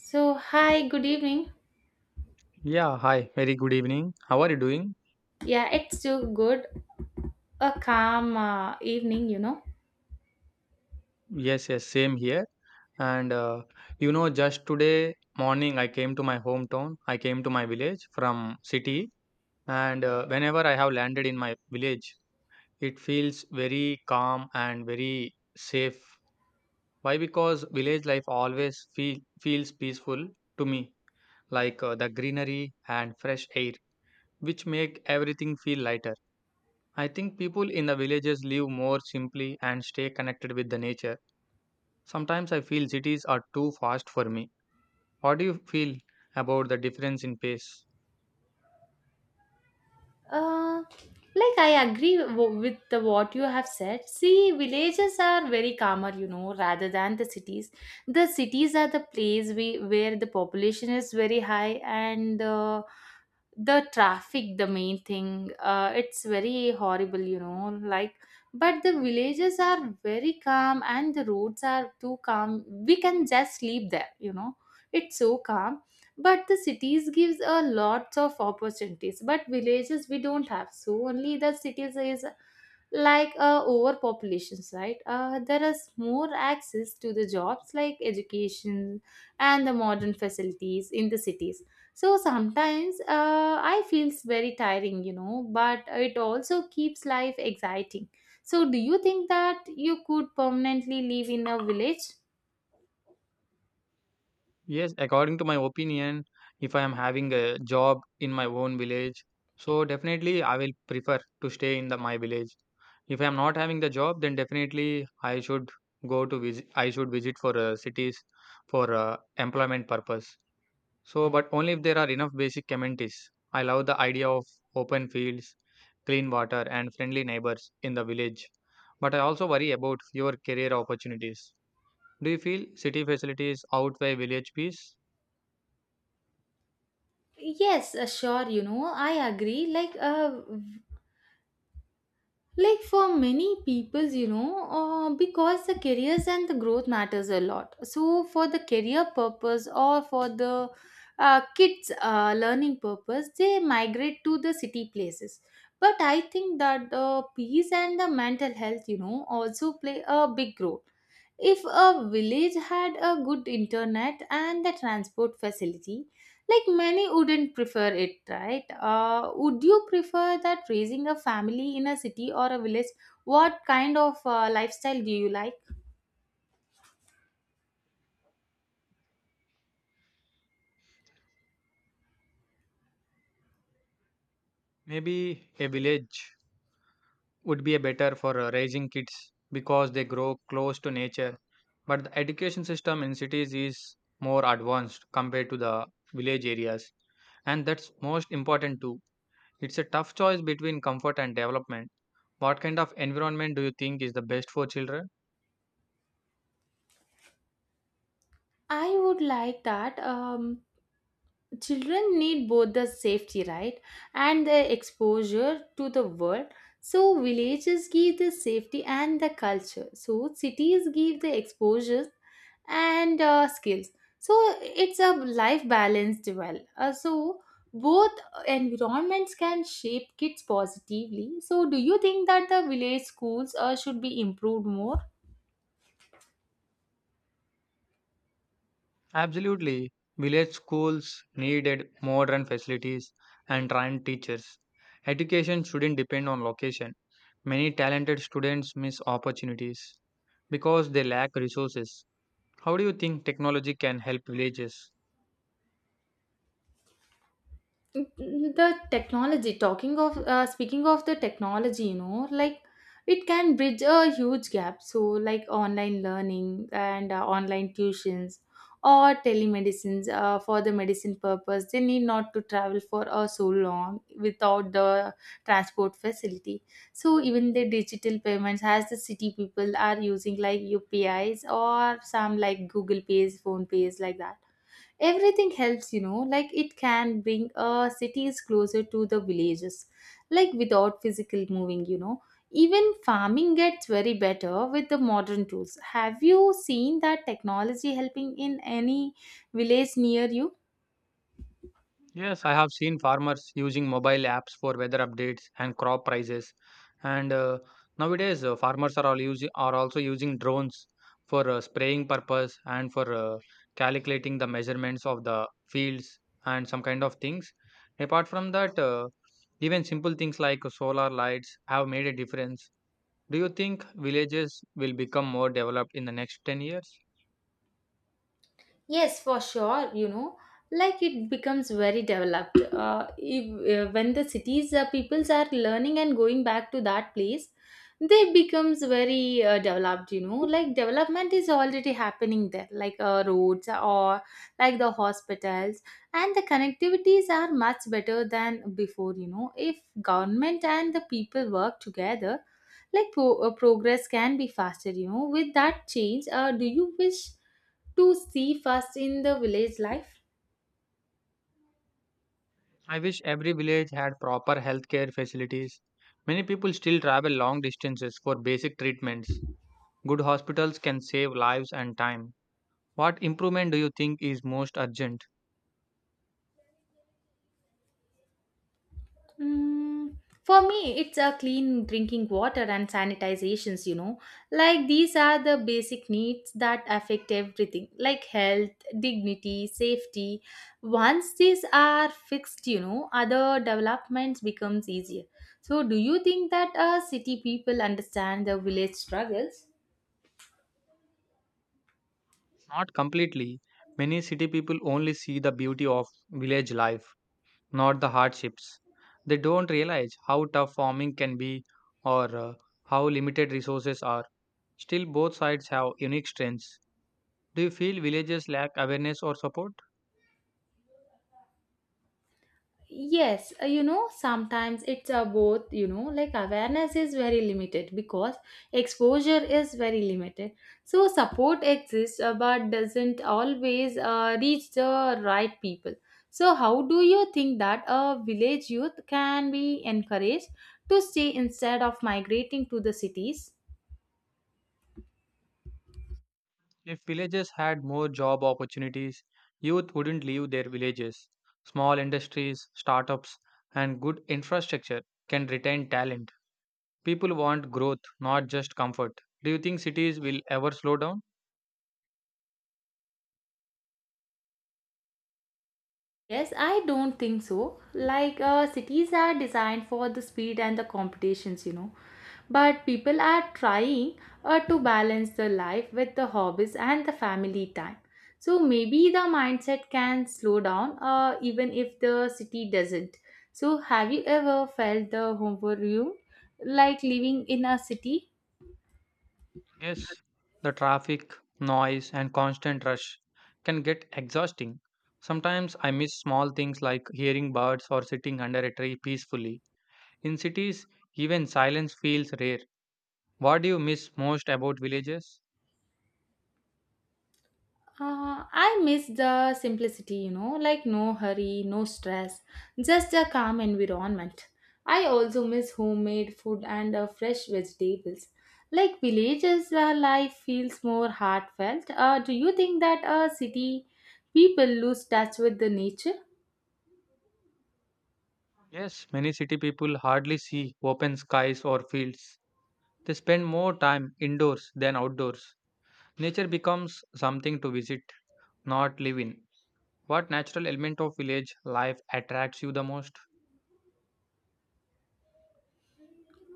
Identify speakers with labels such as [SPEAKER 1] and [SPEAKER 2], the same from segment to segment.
[SPEAKER 1] So, hi, good evening.
[SPEAKER 2] Yeah, hi. Very good evening. How are you doing?
[SPEAKER 1] Yeah, it's too good. A calm evening, you know.
[SPEAKER 2] Yes, yes, same here. And you know, just today morning, I came to my hometown. I came to my village from city. And whenever I have landed in my village, it feels very calm and very safe. Why? Because village life always feels peaceful to me, the greenery and fresh air, which make everything feel lighter. I think people in the villages live more simply and stay connected with the nature. Sometimes I feel cities are too fast for me. What do you feel about the difference in pace?
[SPEAKER 1] Uh, like I agree with what you have said. See, villages are very calmer, you know, rather than the cities. The cities are the place where the population is very high and the traffic, the main thing. It's very horrible, you know. Like, but the villages are very calm and the roads are too calm. We can just sleep there, you know. It's so calm, but the cities gives a lots of opportunities, but villages we don't have, so only the cities is like overpopulations, right? There is more access to the jobs like education and the modern facilities in the cities. So sometimes I feels very tiring, you know, but it also keeps life exciting. So do you think that you could permanently live in a village?
[SPEAKER 2] Yes, according to my opinion, if I am having a job in my own village, so definitely I will prefer to stay in the my village. If I am not having the job, then definitely I should go to visit. I should visit for cities for employment purpose. So, but only if there are enough basic amenities. I love the idea of open fields, clean water, and friendly neighbors in the village. But I also worry about fewer career opportunities. Do you feel city facilities outweigh village peace?
[SPEAKER 1] Yes, sure, you know, I agree. Like like for many peoples, you know, because the careers and the growth matters a lot. So for the career purpose or for the kids learning purpose, they migrate to the city places. But I think that the peace and the mental health, you know, also play a big role. If a village had a good internet and the transport facility, like many wouldn't prefer it, right? Would you prefer that raising a family in a city or a village? What kind of lifestyle do you like?
[SPEAKER 2] Maybe a village would be a better for raising kids because they grow close to nature. But the education system in cities is more advanced compared to the village areas, and that's most important too. It's a tough choice between comfort and development. What kind of environment do you think is the best for children?
[SPEAKER 1] I would like that. Children need both the safety, right, and the exposure to the world. So villages give the safety and the culture, so cities give the exposures and skills. So it's a life balanced well. So both environments can shape kids positively. So do you think that the village schools should be improved more?
[SPEAKER 2] Absolutely. Village schools needed modern facilities and trained teachers. Education shouldn't depend on location. Many talented students miss opportunities because they lack resources. How do you think technology can help villages?
[SPEAKER 1] The technology, talking of speaking of the technology, you know, like it can bridge a huge gap. So like online learning and online tuitions or telemedicines, for the medicine purpose they need not to travel for so long without the transport facility. So even the digital payments, as the city people are using like upis or some like google pays, phone pays, like that, everything helps, you know, like it can bring cities closer to the villages, like without physical moving, you know. Even farming gets very better with the modern tools. Have you seen that technology helping in any village near you?
[SPEAKER 2] Yes, I have seen farmers using mobile apps for weather updates and crop prices. And nowadays, farmers are also using drones for spraying purpose and for calculating the measurements of the fields and some kind of things. Apart from that, even simple things like solar lights have made a difference. Do you think villages will become more developed in the next 10 years?
[SPEAKER 1] Yes, for sure. You know, like it becomes very developed. If, When the cities peoples are learning and going back to that place, they becomes very developed. You know, like development is already happening there, like roads or like the hospitals, and the connectivities are much better than before. You know, if government and the people work together, like progress can be faster. You know, with that change, do you wish to see first in the village life?
[SPEAKER 2] I wish every village had proper healthcare facilities. Many people still travel long distances for basic treatments. Good hospitals can save lives and time. What improvement do you think is most urgent?
[SPEAKER 1] Mm, for me, it's a clean drinking water and sanitizations, you know. Like these are the basic needs that affect everything, like health, dignity, safety. Once these are fixed, you know, other developments becomes easier. So do you think that city people understand the village struggles?
[SPEAKER 2] Not completely. Many city people only see the beauty of village life, not the hardships. They don't realize how tough farming can be or how limited resources are. Still, both sides have unique strengths. Do you feel villages lack awareness or support?
[SPEAKER 1] Yes, you know, sometimes it's a both, you know, like awareness is very limited because exposure is very limited. So support exists, but doesn't always reach the right people. So how do you think that a village youth can be encouraged to stay instead of migrating to the cities?
[SPEAKER 2] If villages had more job opportunities, youth wouldn't leave their villages. Small industries, startups, and good infrastructure can retain talent. People want growth, not just comfort. Do you think cities will ever slow down?
[SPEAKER 1] Yes, I don't think so. Like, cities are designed for the speed and the competitions, you know. But people are trying to balance the life with the hobbies and the family time. So maybe the mindset can slow down even if the city doesn't. So, have you ever felt the overwhelm like living in a city?
[SPEAKER 2] Yes. The traffic, noise, and constant rush can get exhausting. Sometimes I miss small things like hearing birds or sitting under a tree peacefully. In cities, even silence feels rare. What do you miss most about villages?
[SPEAKER 1] I miss the simplicity, you know, like no hurry, no stress, just a calm environment. I also miss homemade food and fresh vegetables. Like villages, life feels more heartfelt. Do you think that city people lose touch with the nature?
[SPEAKER 2] Yes, many city people hardly see open skies or fields. They spend more time indoors than outdoors. Nature becomes something to visit, not live in. What natural element of village life attracts you the most?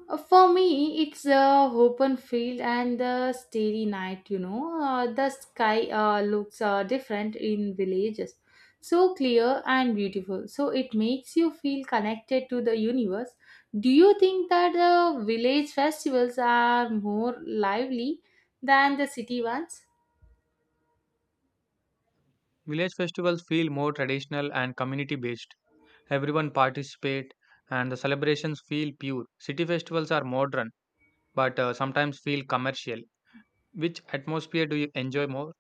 [SPEAKER 1] For me, it's a open field and the starry night. You know, the sky looks different in villages, so clear and beautiful. So it makes you feel connected to the universe. Do you think that the village festivals are more lively than the city ones?
[SPEAKER 2] Village festivals feel more traditional and community based. Everyone participate and the celebrations feel pure. City festivals are modern but sometimes feel commercial. Which atmosphere do you enjoy more?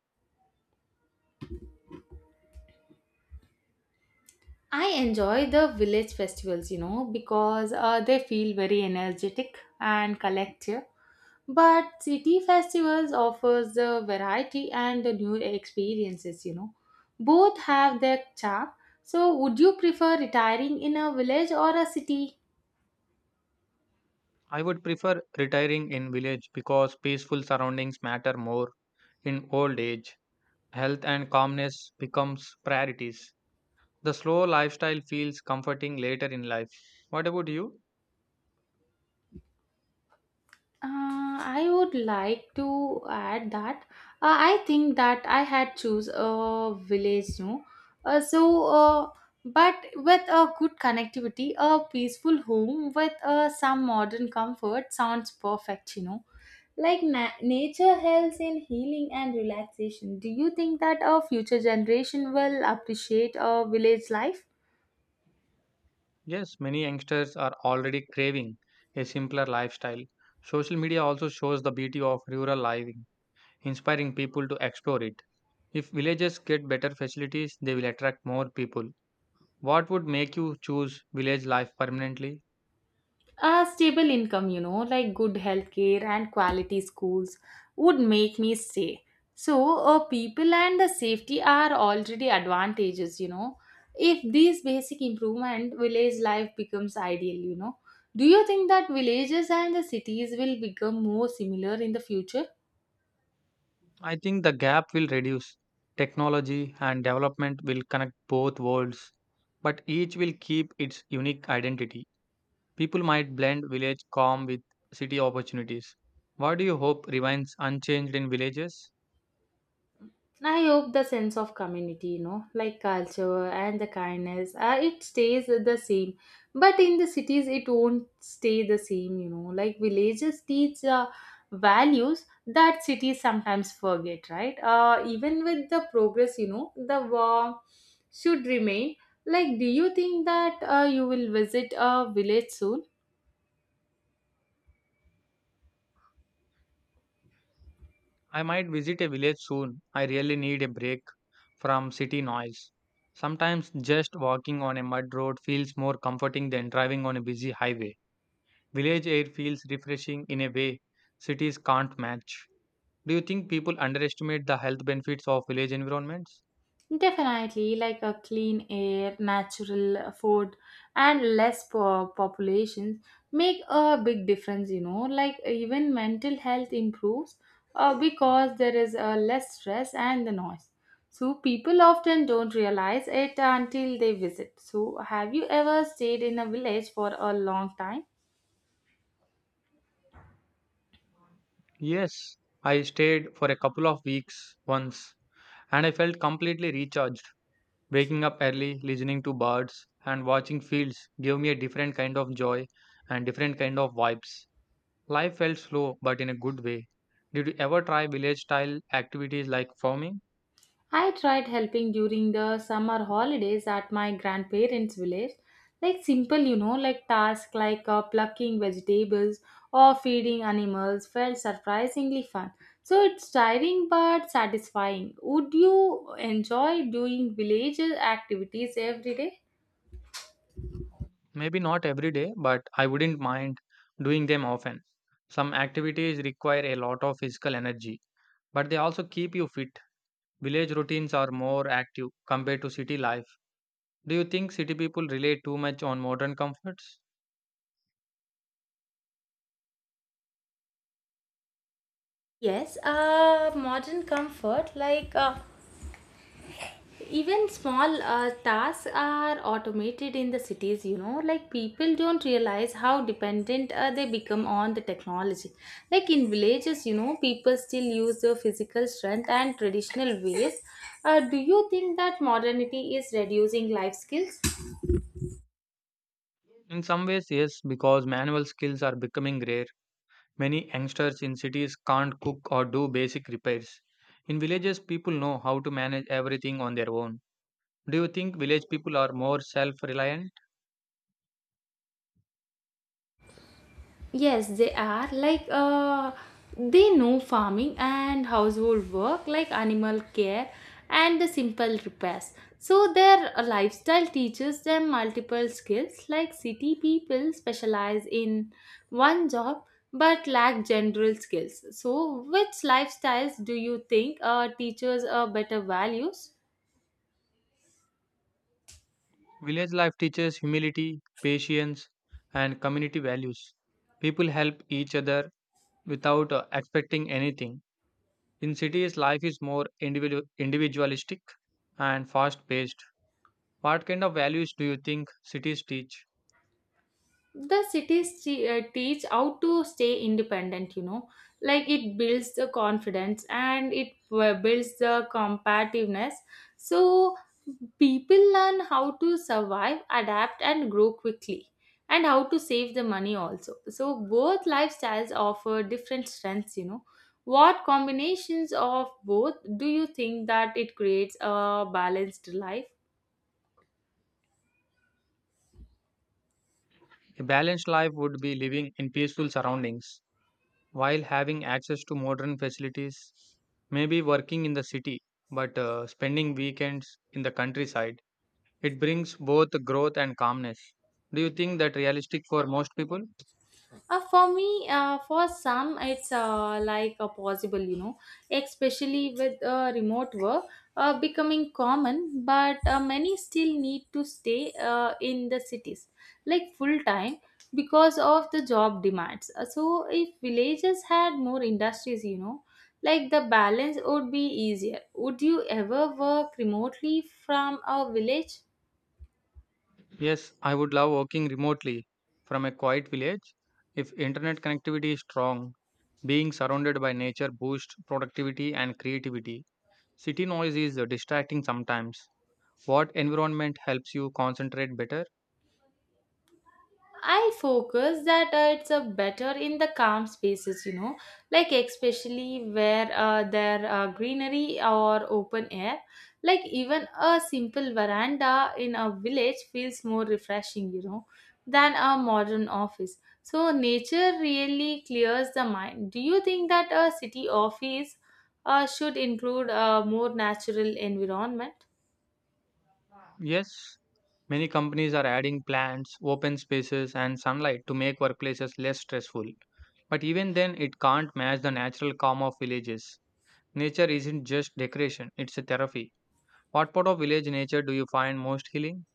[SPEAKER 1] I enjoy the village festivals, you know, because they feel very energetic and collective. But city festivals offers the variety and the new experiences, you know. Both have their charm. So would you prefer retiring in a village or a city?
[SPEAKER 2] I would prefer retiring in village because peaceful surroundings matter more in old age. Health and calmness becomes priorities. The slow lifestyle feels comforting later in life. What about you?
[SPEAKER 1] Uh, I would like to add that I think that I had choose a village, no. Uh, so uh, but with a good connectivity, a peaceful home with some modern comfort sounds perfect, you know. Like nature helps in healing and relaxation. Do you think that our future generation will appreciate our village life?
[SPEAKER 2] Yes, many youngsters are already craving a simpler lifestyle. Social media also shows the beauty of rural living, inspiring people to explore it. If villages get better facilities, they will attract more people. What would make you choose village life permanently?
[SPEAKER 1] A stable income, you know, like good healthcare and quality schools would make me stay. So, people and the safety are already advantages, you know. If these basic improvement, village life becomes ideal, you know. Do you think that villages and the cities will become more similar in the future?
[SPEAKER 2] I think the gap will reduce. Technology and development will connect both worlds, but each will keep its unique identity. People might blend village calm with city opportunities. What do you hope remains unchanged in villages?
[SPEAKER 1] I hope the sense of community, you know, like culture and the kindness, it stays the same. But in the cities, it won't stay the same, you know. Like villages teach values that cities sometimes forget, right? Even with the progress, you know, the war should remain. Like, do you think that you will visit a village soon?
[SPEAKER 2] I might visit a village soon. I really need a break from city noise. Sometimes just walking on a mud road feels more comforting than driving on a busy highway. Village air feels refreshing in a way cities can't match. Do you think people underestimate the health benefits of village environments?
[SPEAKER 1] Definitely, like a clean air, natural food, and less populations make a big difference. You know, like even mental health improves because there is less stress and the noise. So people often don't realize it until they visit. So, have you ever stayed in a village for a long time?
[SPEAKER 2] Yes, I stayed for a couple of weeks once and I felt completely recharged. Waking up early, listening to birds, and watching fields gave me a different kind of joy and different kind of vibes. Life felt slow but in a good way. Did you ever try village style activities like farming?
[SPEAKER 1] I tried helping during the summer holidays at my grandparents' village. Like simple, you know, like tasks like plucking vegetables or feeding animals felt surprisingly fun. So it's tiring but satisfying. Would you enjoy doing village activities every day?
[SPEAKER 2] Maybe not every day, but I wouldn't mind doing them often. Some activities require a lot of physical energy, but they also keep you fit. Village routines are more active compared to city life. Do you think city people rely too much on modern comforts?
[SPEAKER 1] Yes, modern comfort like even small tasks are automated in the cities, you know, like people don't realize how dependent they become on the technology. Like in villages, you know, people still use their physical strength and traditional ways. Do you think that modernity is reducing life skills?
[SPEAKER 2] In some ways, yes, because manual skills are becoming rare. Many youngsters in cities can't cook or do basic repairs. In villages, people know how to manage everything on their own. Do you think village people are more self reliant?
[SPEAKER 1] Yes, they are. Like they know farming and household work, like animal care and the simple repairs. So their lifestyle teaches them multiple skills. Like city people specialize in one job but lack general skills. So which lifestyles do you think teaches better values?
[SPEAKER 2] Village life teaches humility, patience, and community values. People help each other without expecting anything. In cities, life is more individualistic and fast paced. What kind of values do you think cities teach?
[SPEAKER 1] The cities teach how to stay independent, you know, like it builds the confidence and it builds the competitiveness. So people learn how to survive, adapt and grow quickly, and how to save the money also. So both lifestyles offer different strengths, you know. What combinations of both do you think that it creates a balanced life?
[SPEAKER 2] A balanced life would be living in peaceful surroundings while having access to modern facilities, maybe working in the city but spending weekends in the countryside. It brings both growth and calmness. Do you think that realistic for most people?
[SPEAKER 1] For some, it's like a possible, you know, especially with remote work becoming common, but many still need to stay in the cities, like full time, because of the job demands. So, if villages had more industries, you know, like the balance would be easier. Would you ever work remotely from a village?
[SPEAKER 2] Yes, I would love working remotely from a quiet village. If internet connectivity is strong, being surrounded by nature boosts productivity and creativity. City noise is distracting sometimes. What environment helps you concentrate better?
[SPEAKER 1] I focus that it's a better in the calm spaces, you know, like especially where there are greenery or open air. Like even a simple veranda in a village feels more refreshing, you know, than a modern office. So nature really clears the mind. Do you think that a city office should include a more natural environment?
[SPEAKER 2] Yes, many companies are adding plants, open spaces, and sunlight to make workplaces less stressful. But even then, it can't match the natural calm of villages. Nature isn't just decoration, it's a therapy. What part of village nature do you find most healing?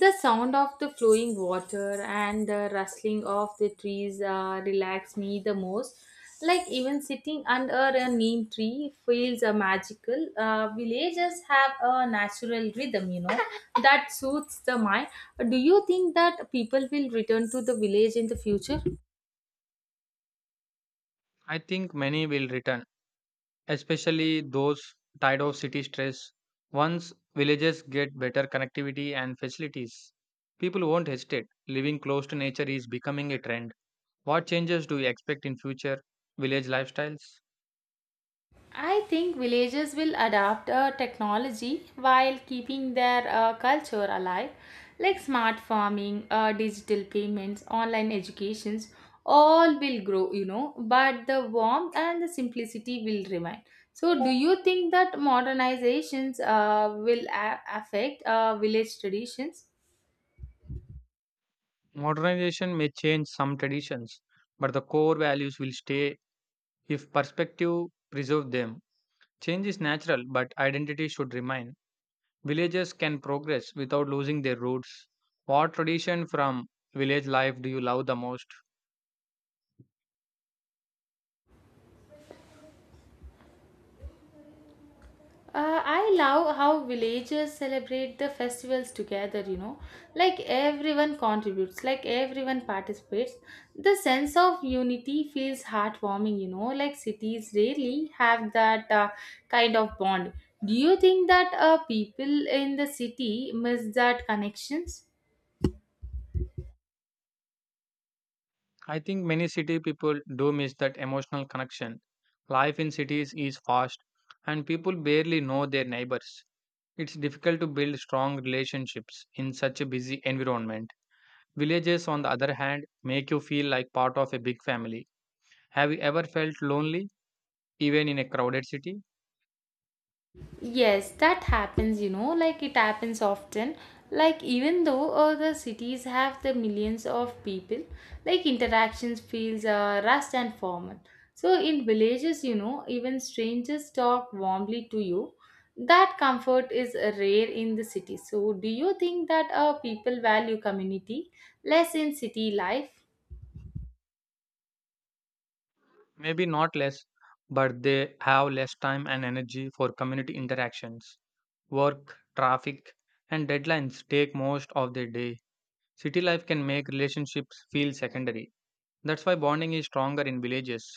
[SPEAKER 1] The sound of the flowing water and the rustling of the trees relax me the most. Like even sitting under a neem tree feels magical. Villages have a natural rhythm, you know, that suits the mind. Do you think that people will return to the village in the future?
[SPEAKER 2] I think many will return, especially those tired of city stress. Once villages get better connectivity and facilities, people won't hesitate. Living close to nature is becoming a trend. What changes do you expect in future village lifestyles?
[SPEAKER 1] I think villages will adapt technology while keeping their culture alive, like smart farming, digital payments, online educations. All will grow, you know, but the warmth and the simplicity will remain. So, do you think that modernizations will affect village traditions?
[SPEAKER 2] Modernization may change some traditions, but the core values will stay if perspective preserve them. Change is natural, but identity should remain. Villages can progress without losing their roots. What tradition from village life do you love the most?
[SPEAKER 1] I love how villagers celebrate the festivals together, you know. Like everyone contributes, like everyone participates. The sense of unity feels heartwarming, you know. Like cities rarely have that kind of bond. Do you think that people in the city miss that connections?
[SPEAKER 2] I think many city people do miss that emotional connection. Life in cities is fast and people barely know their neighbors. It's difficult to build strong relationships in such a busy environment. Villages, on the other hand, make you feel like part of a big family. Have you ever felt lonely, even in a crowded city?
[SPEAKER 1] Yes, that happens, like it happens often. Like, even though the cities have the millions of people, like interactions feels rushed and formal. So, in villages, even strangers talk warmly to you. That comfort is rare in the city. So, do you think that people value community less in city life?
[SPEAKER 2] Maybe not less, but they have less time and energy for community interactions. Work, traffic, and deadlines take most of their day. City life can make relationships feel secondary. That's why bonding is stronger in villages.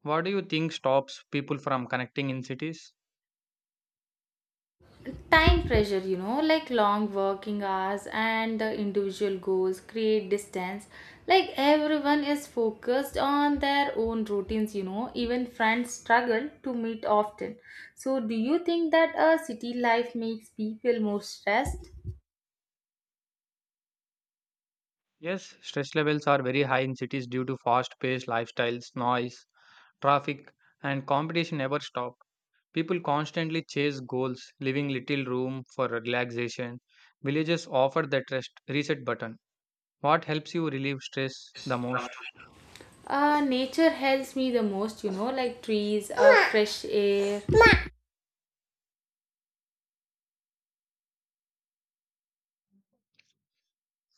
[SPEAKER 2] What do you think stops people from connecting in cities?
[SPEAKER 1] Time pressure, like long working hours and the individual goals create distance. Like everyone is focused on their own routines, even friends struggle to meet often. So, do you think that a city life makes people more stressed?
[SPEAKER 2] Yes, stress levels are very high in cities due to fast paced lifestyles, noise, traffic, and competition never stop. People constantly chase goals, leaving little room for relaxation. Villages offer that rest reset button. What helps you relieve stress the most?
[SPEAKER 1] Nature helps me the most, like trees, fresh air.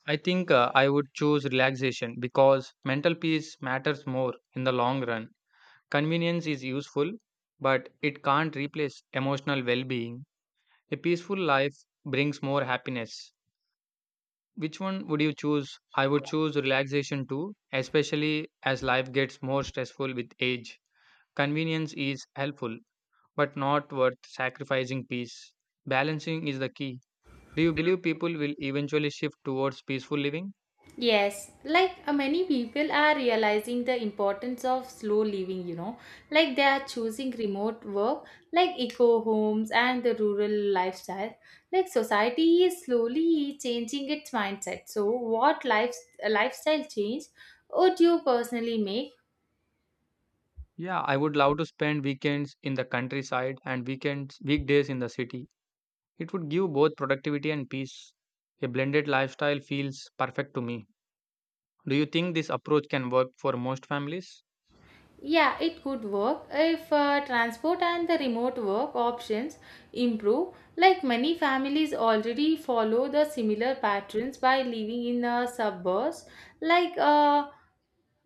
[SPEAKER 2] I think I would choose relaxation because mental peace matters more in the long run. Convenience is useful, but it can't replace emotional well being. A peaceful life brings more happiness. Which one would you choose? I would choose relaxation too, especially as life gets more stressful with age. Convenience is helpful, but not worth sacrificing peace. Balancing is the key. Do you believe people will eventually shift towards peaceful living?
[SPEAKER 1] Yes, like many people are realizing the importance of slow living, like they are choosing remote work, like eco homes and the rural lifestyle. Like society is slowly changing its mindset. So, lifestyle change would you personally make?
[SPEAKER 2] Yeah, I would love to spend weekends in the countryside and weekends weekdays in the city. It would give both productivity and peace. A blended lifestyle feels perfect to me. Do you think this approach can work for most families?
[SPEAKER 1] Yeah, it could work if transport and the remote work options improve. Like many families already follow the similar patterns by living in the suburbs. Like uh,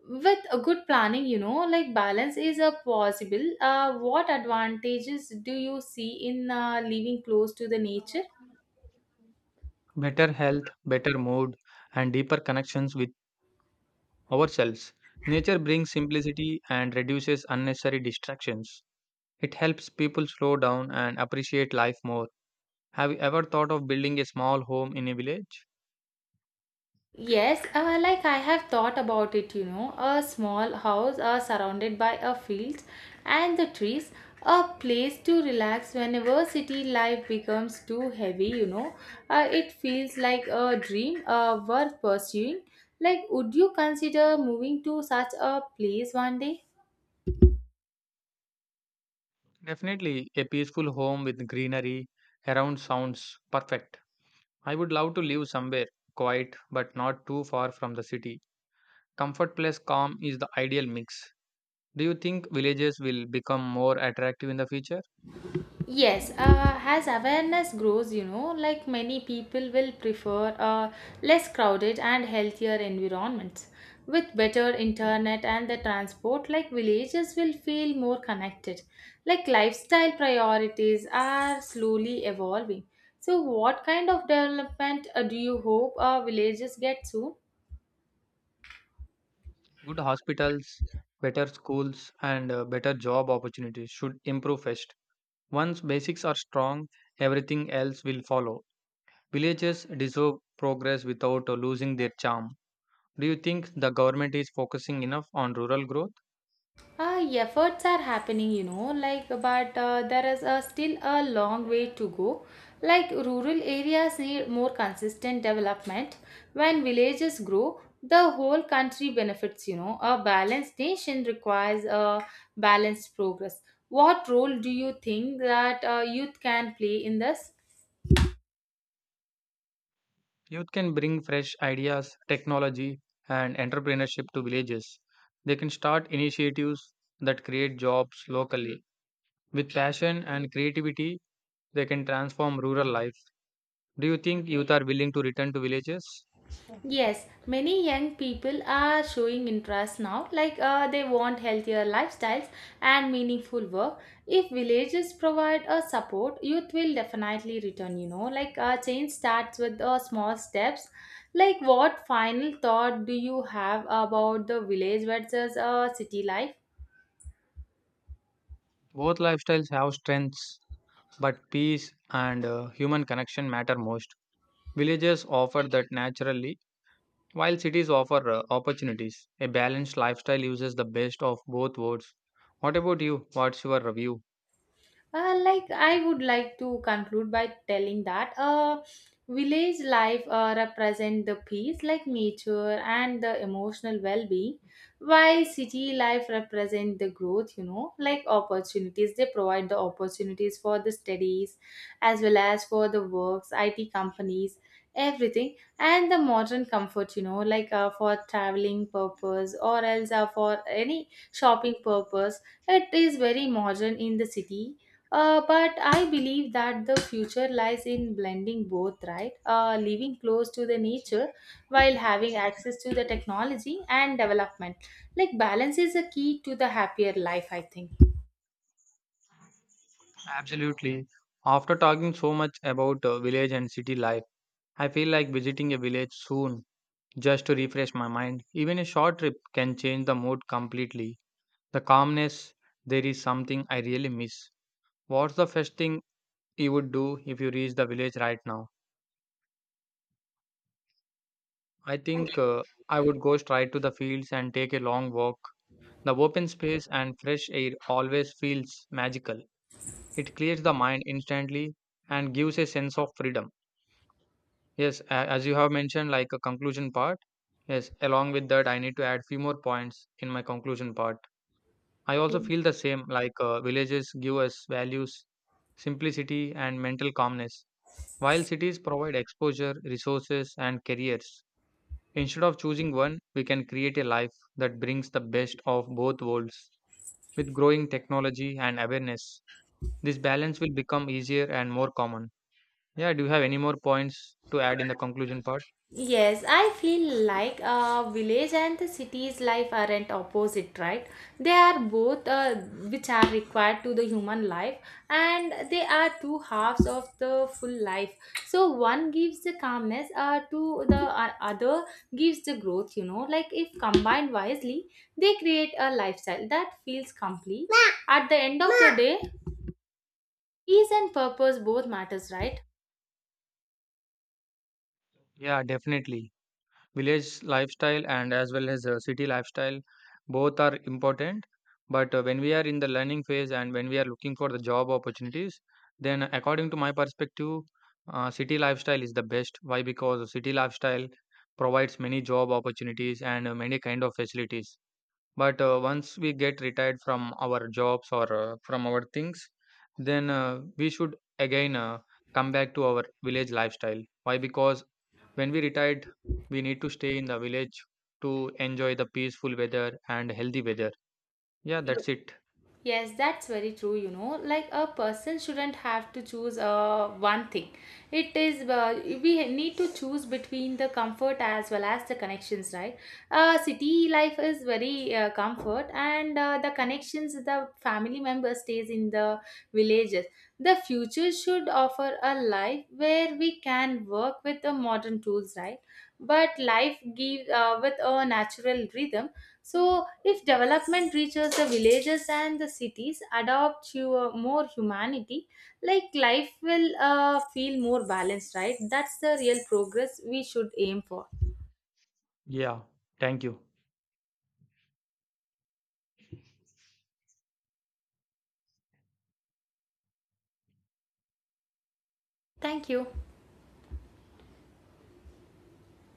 [SPEAKER 1] with a good planning, like balance is a possible. What advantages do you see in living close to the nature?
[SPEAKER 2] Better health, better mood, and deeper connections with ourselves. Nature brings simplicity and reduces unnecessary distractions. It helps people slow down and appreciate life more. Have you ever thought of building a small home in a village?
[SPEAKER 1] Yes, like I have thought about it, you know, a small house surrounded by a field and the trees, a place to relax whenever city life becomes too heavy, you know. It feels like a dream worth pursuing. Like, would you consider moving to such a place one day?
[SPEAKER 2] Definitely, a peaceful home with greenery around sounds perfect. I would love to live somewhere quiet but not too far from the city. Comfort plus calm is the ideal mix. Do you think villages will become more attractive in the future?
[SPEAKER 1] Yes, as awareness grows, like many people will prefer a less crowded and healthier environments. With better internet and the transport, like villages will feel more connected. Like lifestyle priorities are slowly evolving. So, what kind of development do you hope villages get soon?
[SPEAKER 2] Good hospitals, better schools, and better job opportunities should improve first. Once basics are strong, everything else will follow. Villages deserve progress without losing their charm. Do you think the government is focusing enough on rural growth?
[SPEAKER 1] Efforts are happening, you know, like, but there is still a long way to go. Like, rural areas need more consistent development. When villages grow, the whole country benefits, you know. A balanced nation requires a balanced progress. What role do you think that youth can play in this?
[SPEAKER 2] Youth can bring fresh ideas, technology, and entrepreneurship to villages. They can start initiatives that create jobs locally. With passion and creativity, they can transform rural life. Do you think youth are willing to return to villages?
[SPEAKER 1] Yes, many young people are showing interest now, like they want healthier lifestyles and meaningful work. If villages provide a support, youth will definitely return, you know. Change starts with small steps. Like, what final thought do you have about the village versus city life?
[SPEAKER 2] Both lifestyles have strengths, but peace and human connection matter most. Villages offer that naturally, while cities offer opportunities, a balanced lifestyle uses the best of both worlds. What about you? What's your review?
[SPEAKER 1] Like I would like to conclude by telling that village life represent the peace, like nature and the emotional well-being, while city life represent the growth. You know, like opportunities. They provide the opportunities for the studies, as well as for the works, IT companies, everything, and the modern comfort. You know, like for traveling purpose or else for any shopping purpose. It is very modern in the city but I believe that the future lies in blending both, right? Living close to the nature while having access to the technology and development. Like, balance is a key to the happier life, I think.
[SPEAKER 2] Absolutely. After talking so much about village and city life, I feel like visiting a village soon just to refresh my mind. Even a short trip can change the mood completely. The calmness, there is something I really miss. What's the first thing you would do if you reach the village right now? I think I would go straight to the fields and take a long walk. The open space and fresh air always feels magical. It clears the mind instantly and gives a sense of freedom. Yes, as you have mentioned, like a conclusion part. Yes, along with that, I need to add few more points in my conclusion part. I also feel the same, villages give us values, simplicity, and mental calmness, while cities provide exposure, resources, and careers. Instead of choosing one, we can create a life that brings the best of both worlds. With growing technology and awareness, this balance will become easier and more common. Yeah, do you have any more points to add in the conclusion part?
[SPEAKER 1] Yes, I feel like village and the city's life aren't opposite, right? They are both which are required to the human life, and they are two halves of the full life. So one gives the calmness, to the other gives the growth. You know, like if combined wisely, they create a lifestyle that feels complete. Ma. At the end of the Ma. Day, peace and purpose both matters, right?
[SPEAKER 2] Yeah, definitely. Village lifestyle and as well as city lifestyle both are important. But when we are in the learning phase and when we are looking for the job opportunities, then according to my perspective, city lifestyle is the best. Why? Because city lifestyle provides many job opportunities and many kind of facilities. But once we get retired from our jobs or from our things, then we should again come back to our village lifestyle. Why? Because when we retired, we need to stay in the village to enjoy the peaceful weather and healthy weather. Yeah, that's it.
[SPEAKER 1] Yes, that's very true. You know, like a person shouldn't have to choose one thing. It is we need to choose between the comfort as well as the connections, right? City life is very comfort, and the connections the family member stays in the villages. The future should offer a life where we can work with the modern tools, right? But life gives with a natural rhythm. So, if development reaches the villages and the cities, adopt to more humanity, like life will feel more balanced, right? That's the real progress we should aim for.
[SPEAKER 2] Yeah, thank you.
[SPEAKER 1] Thank you.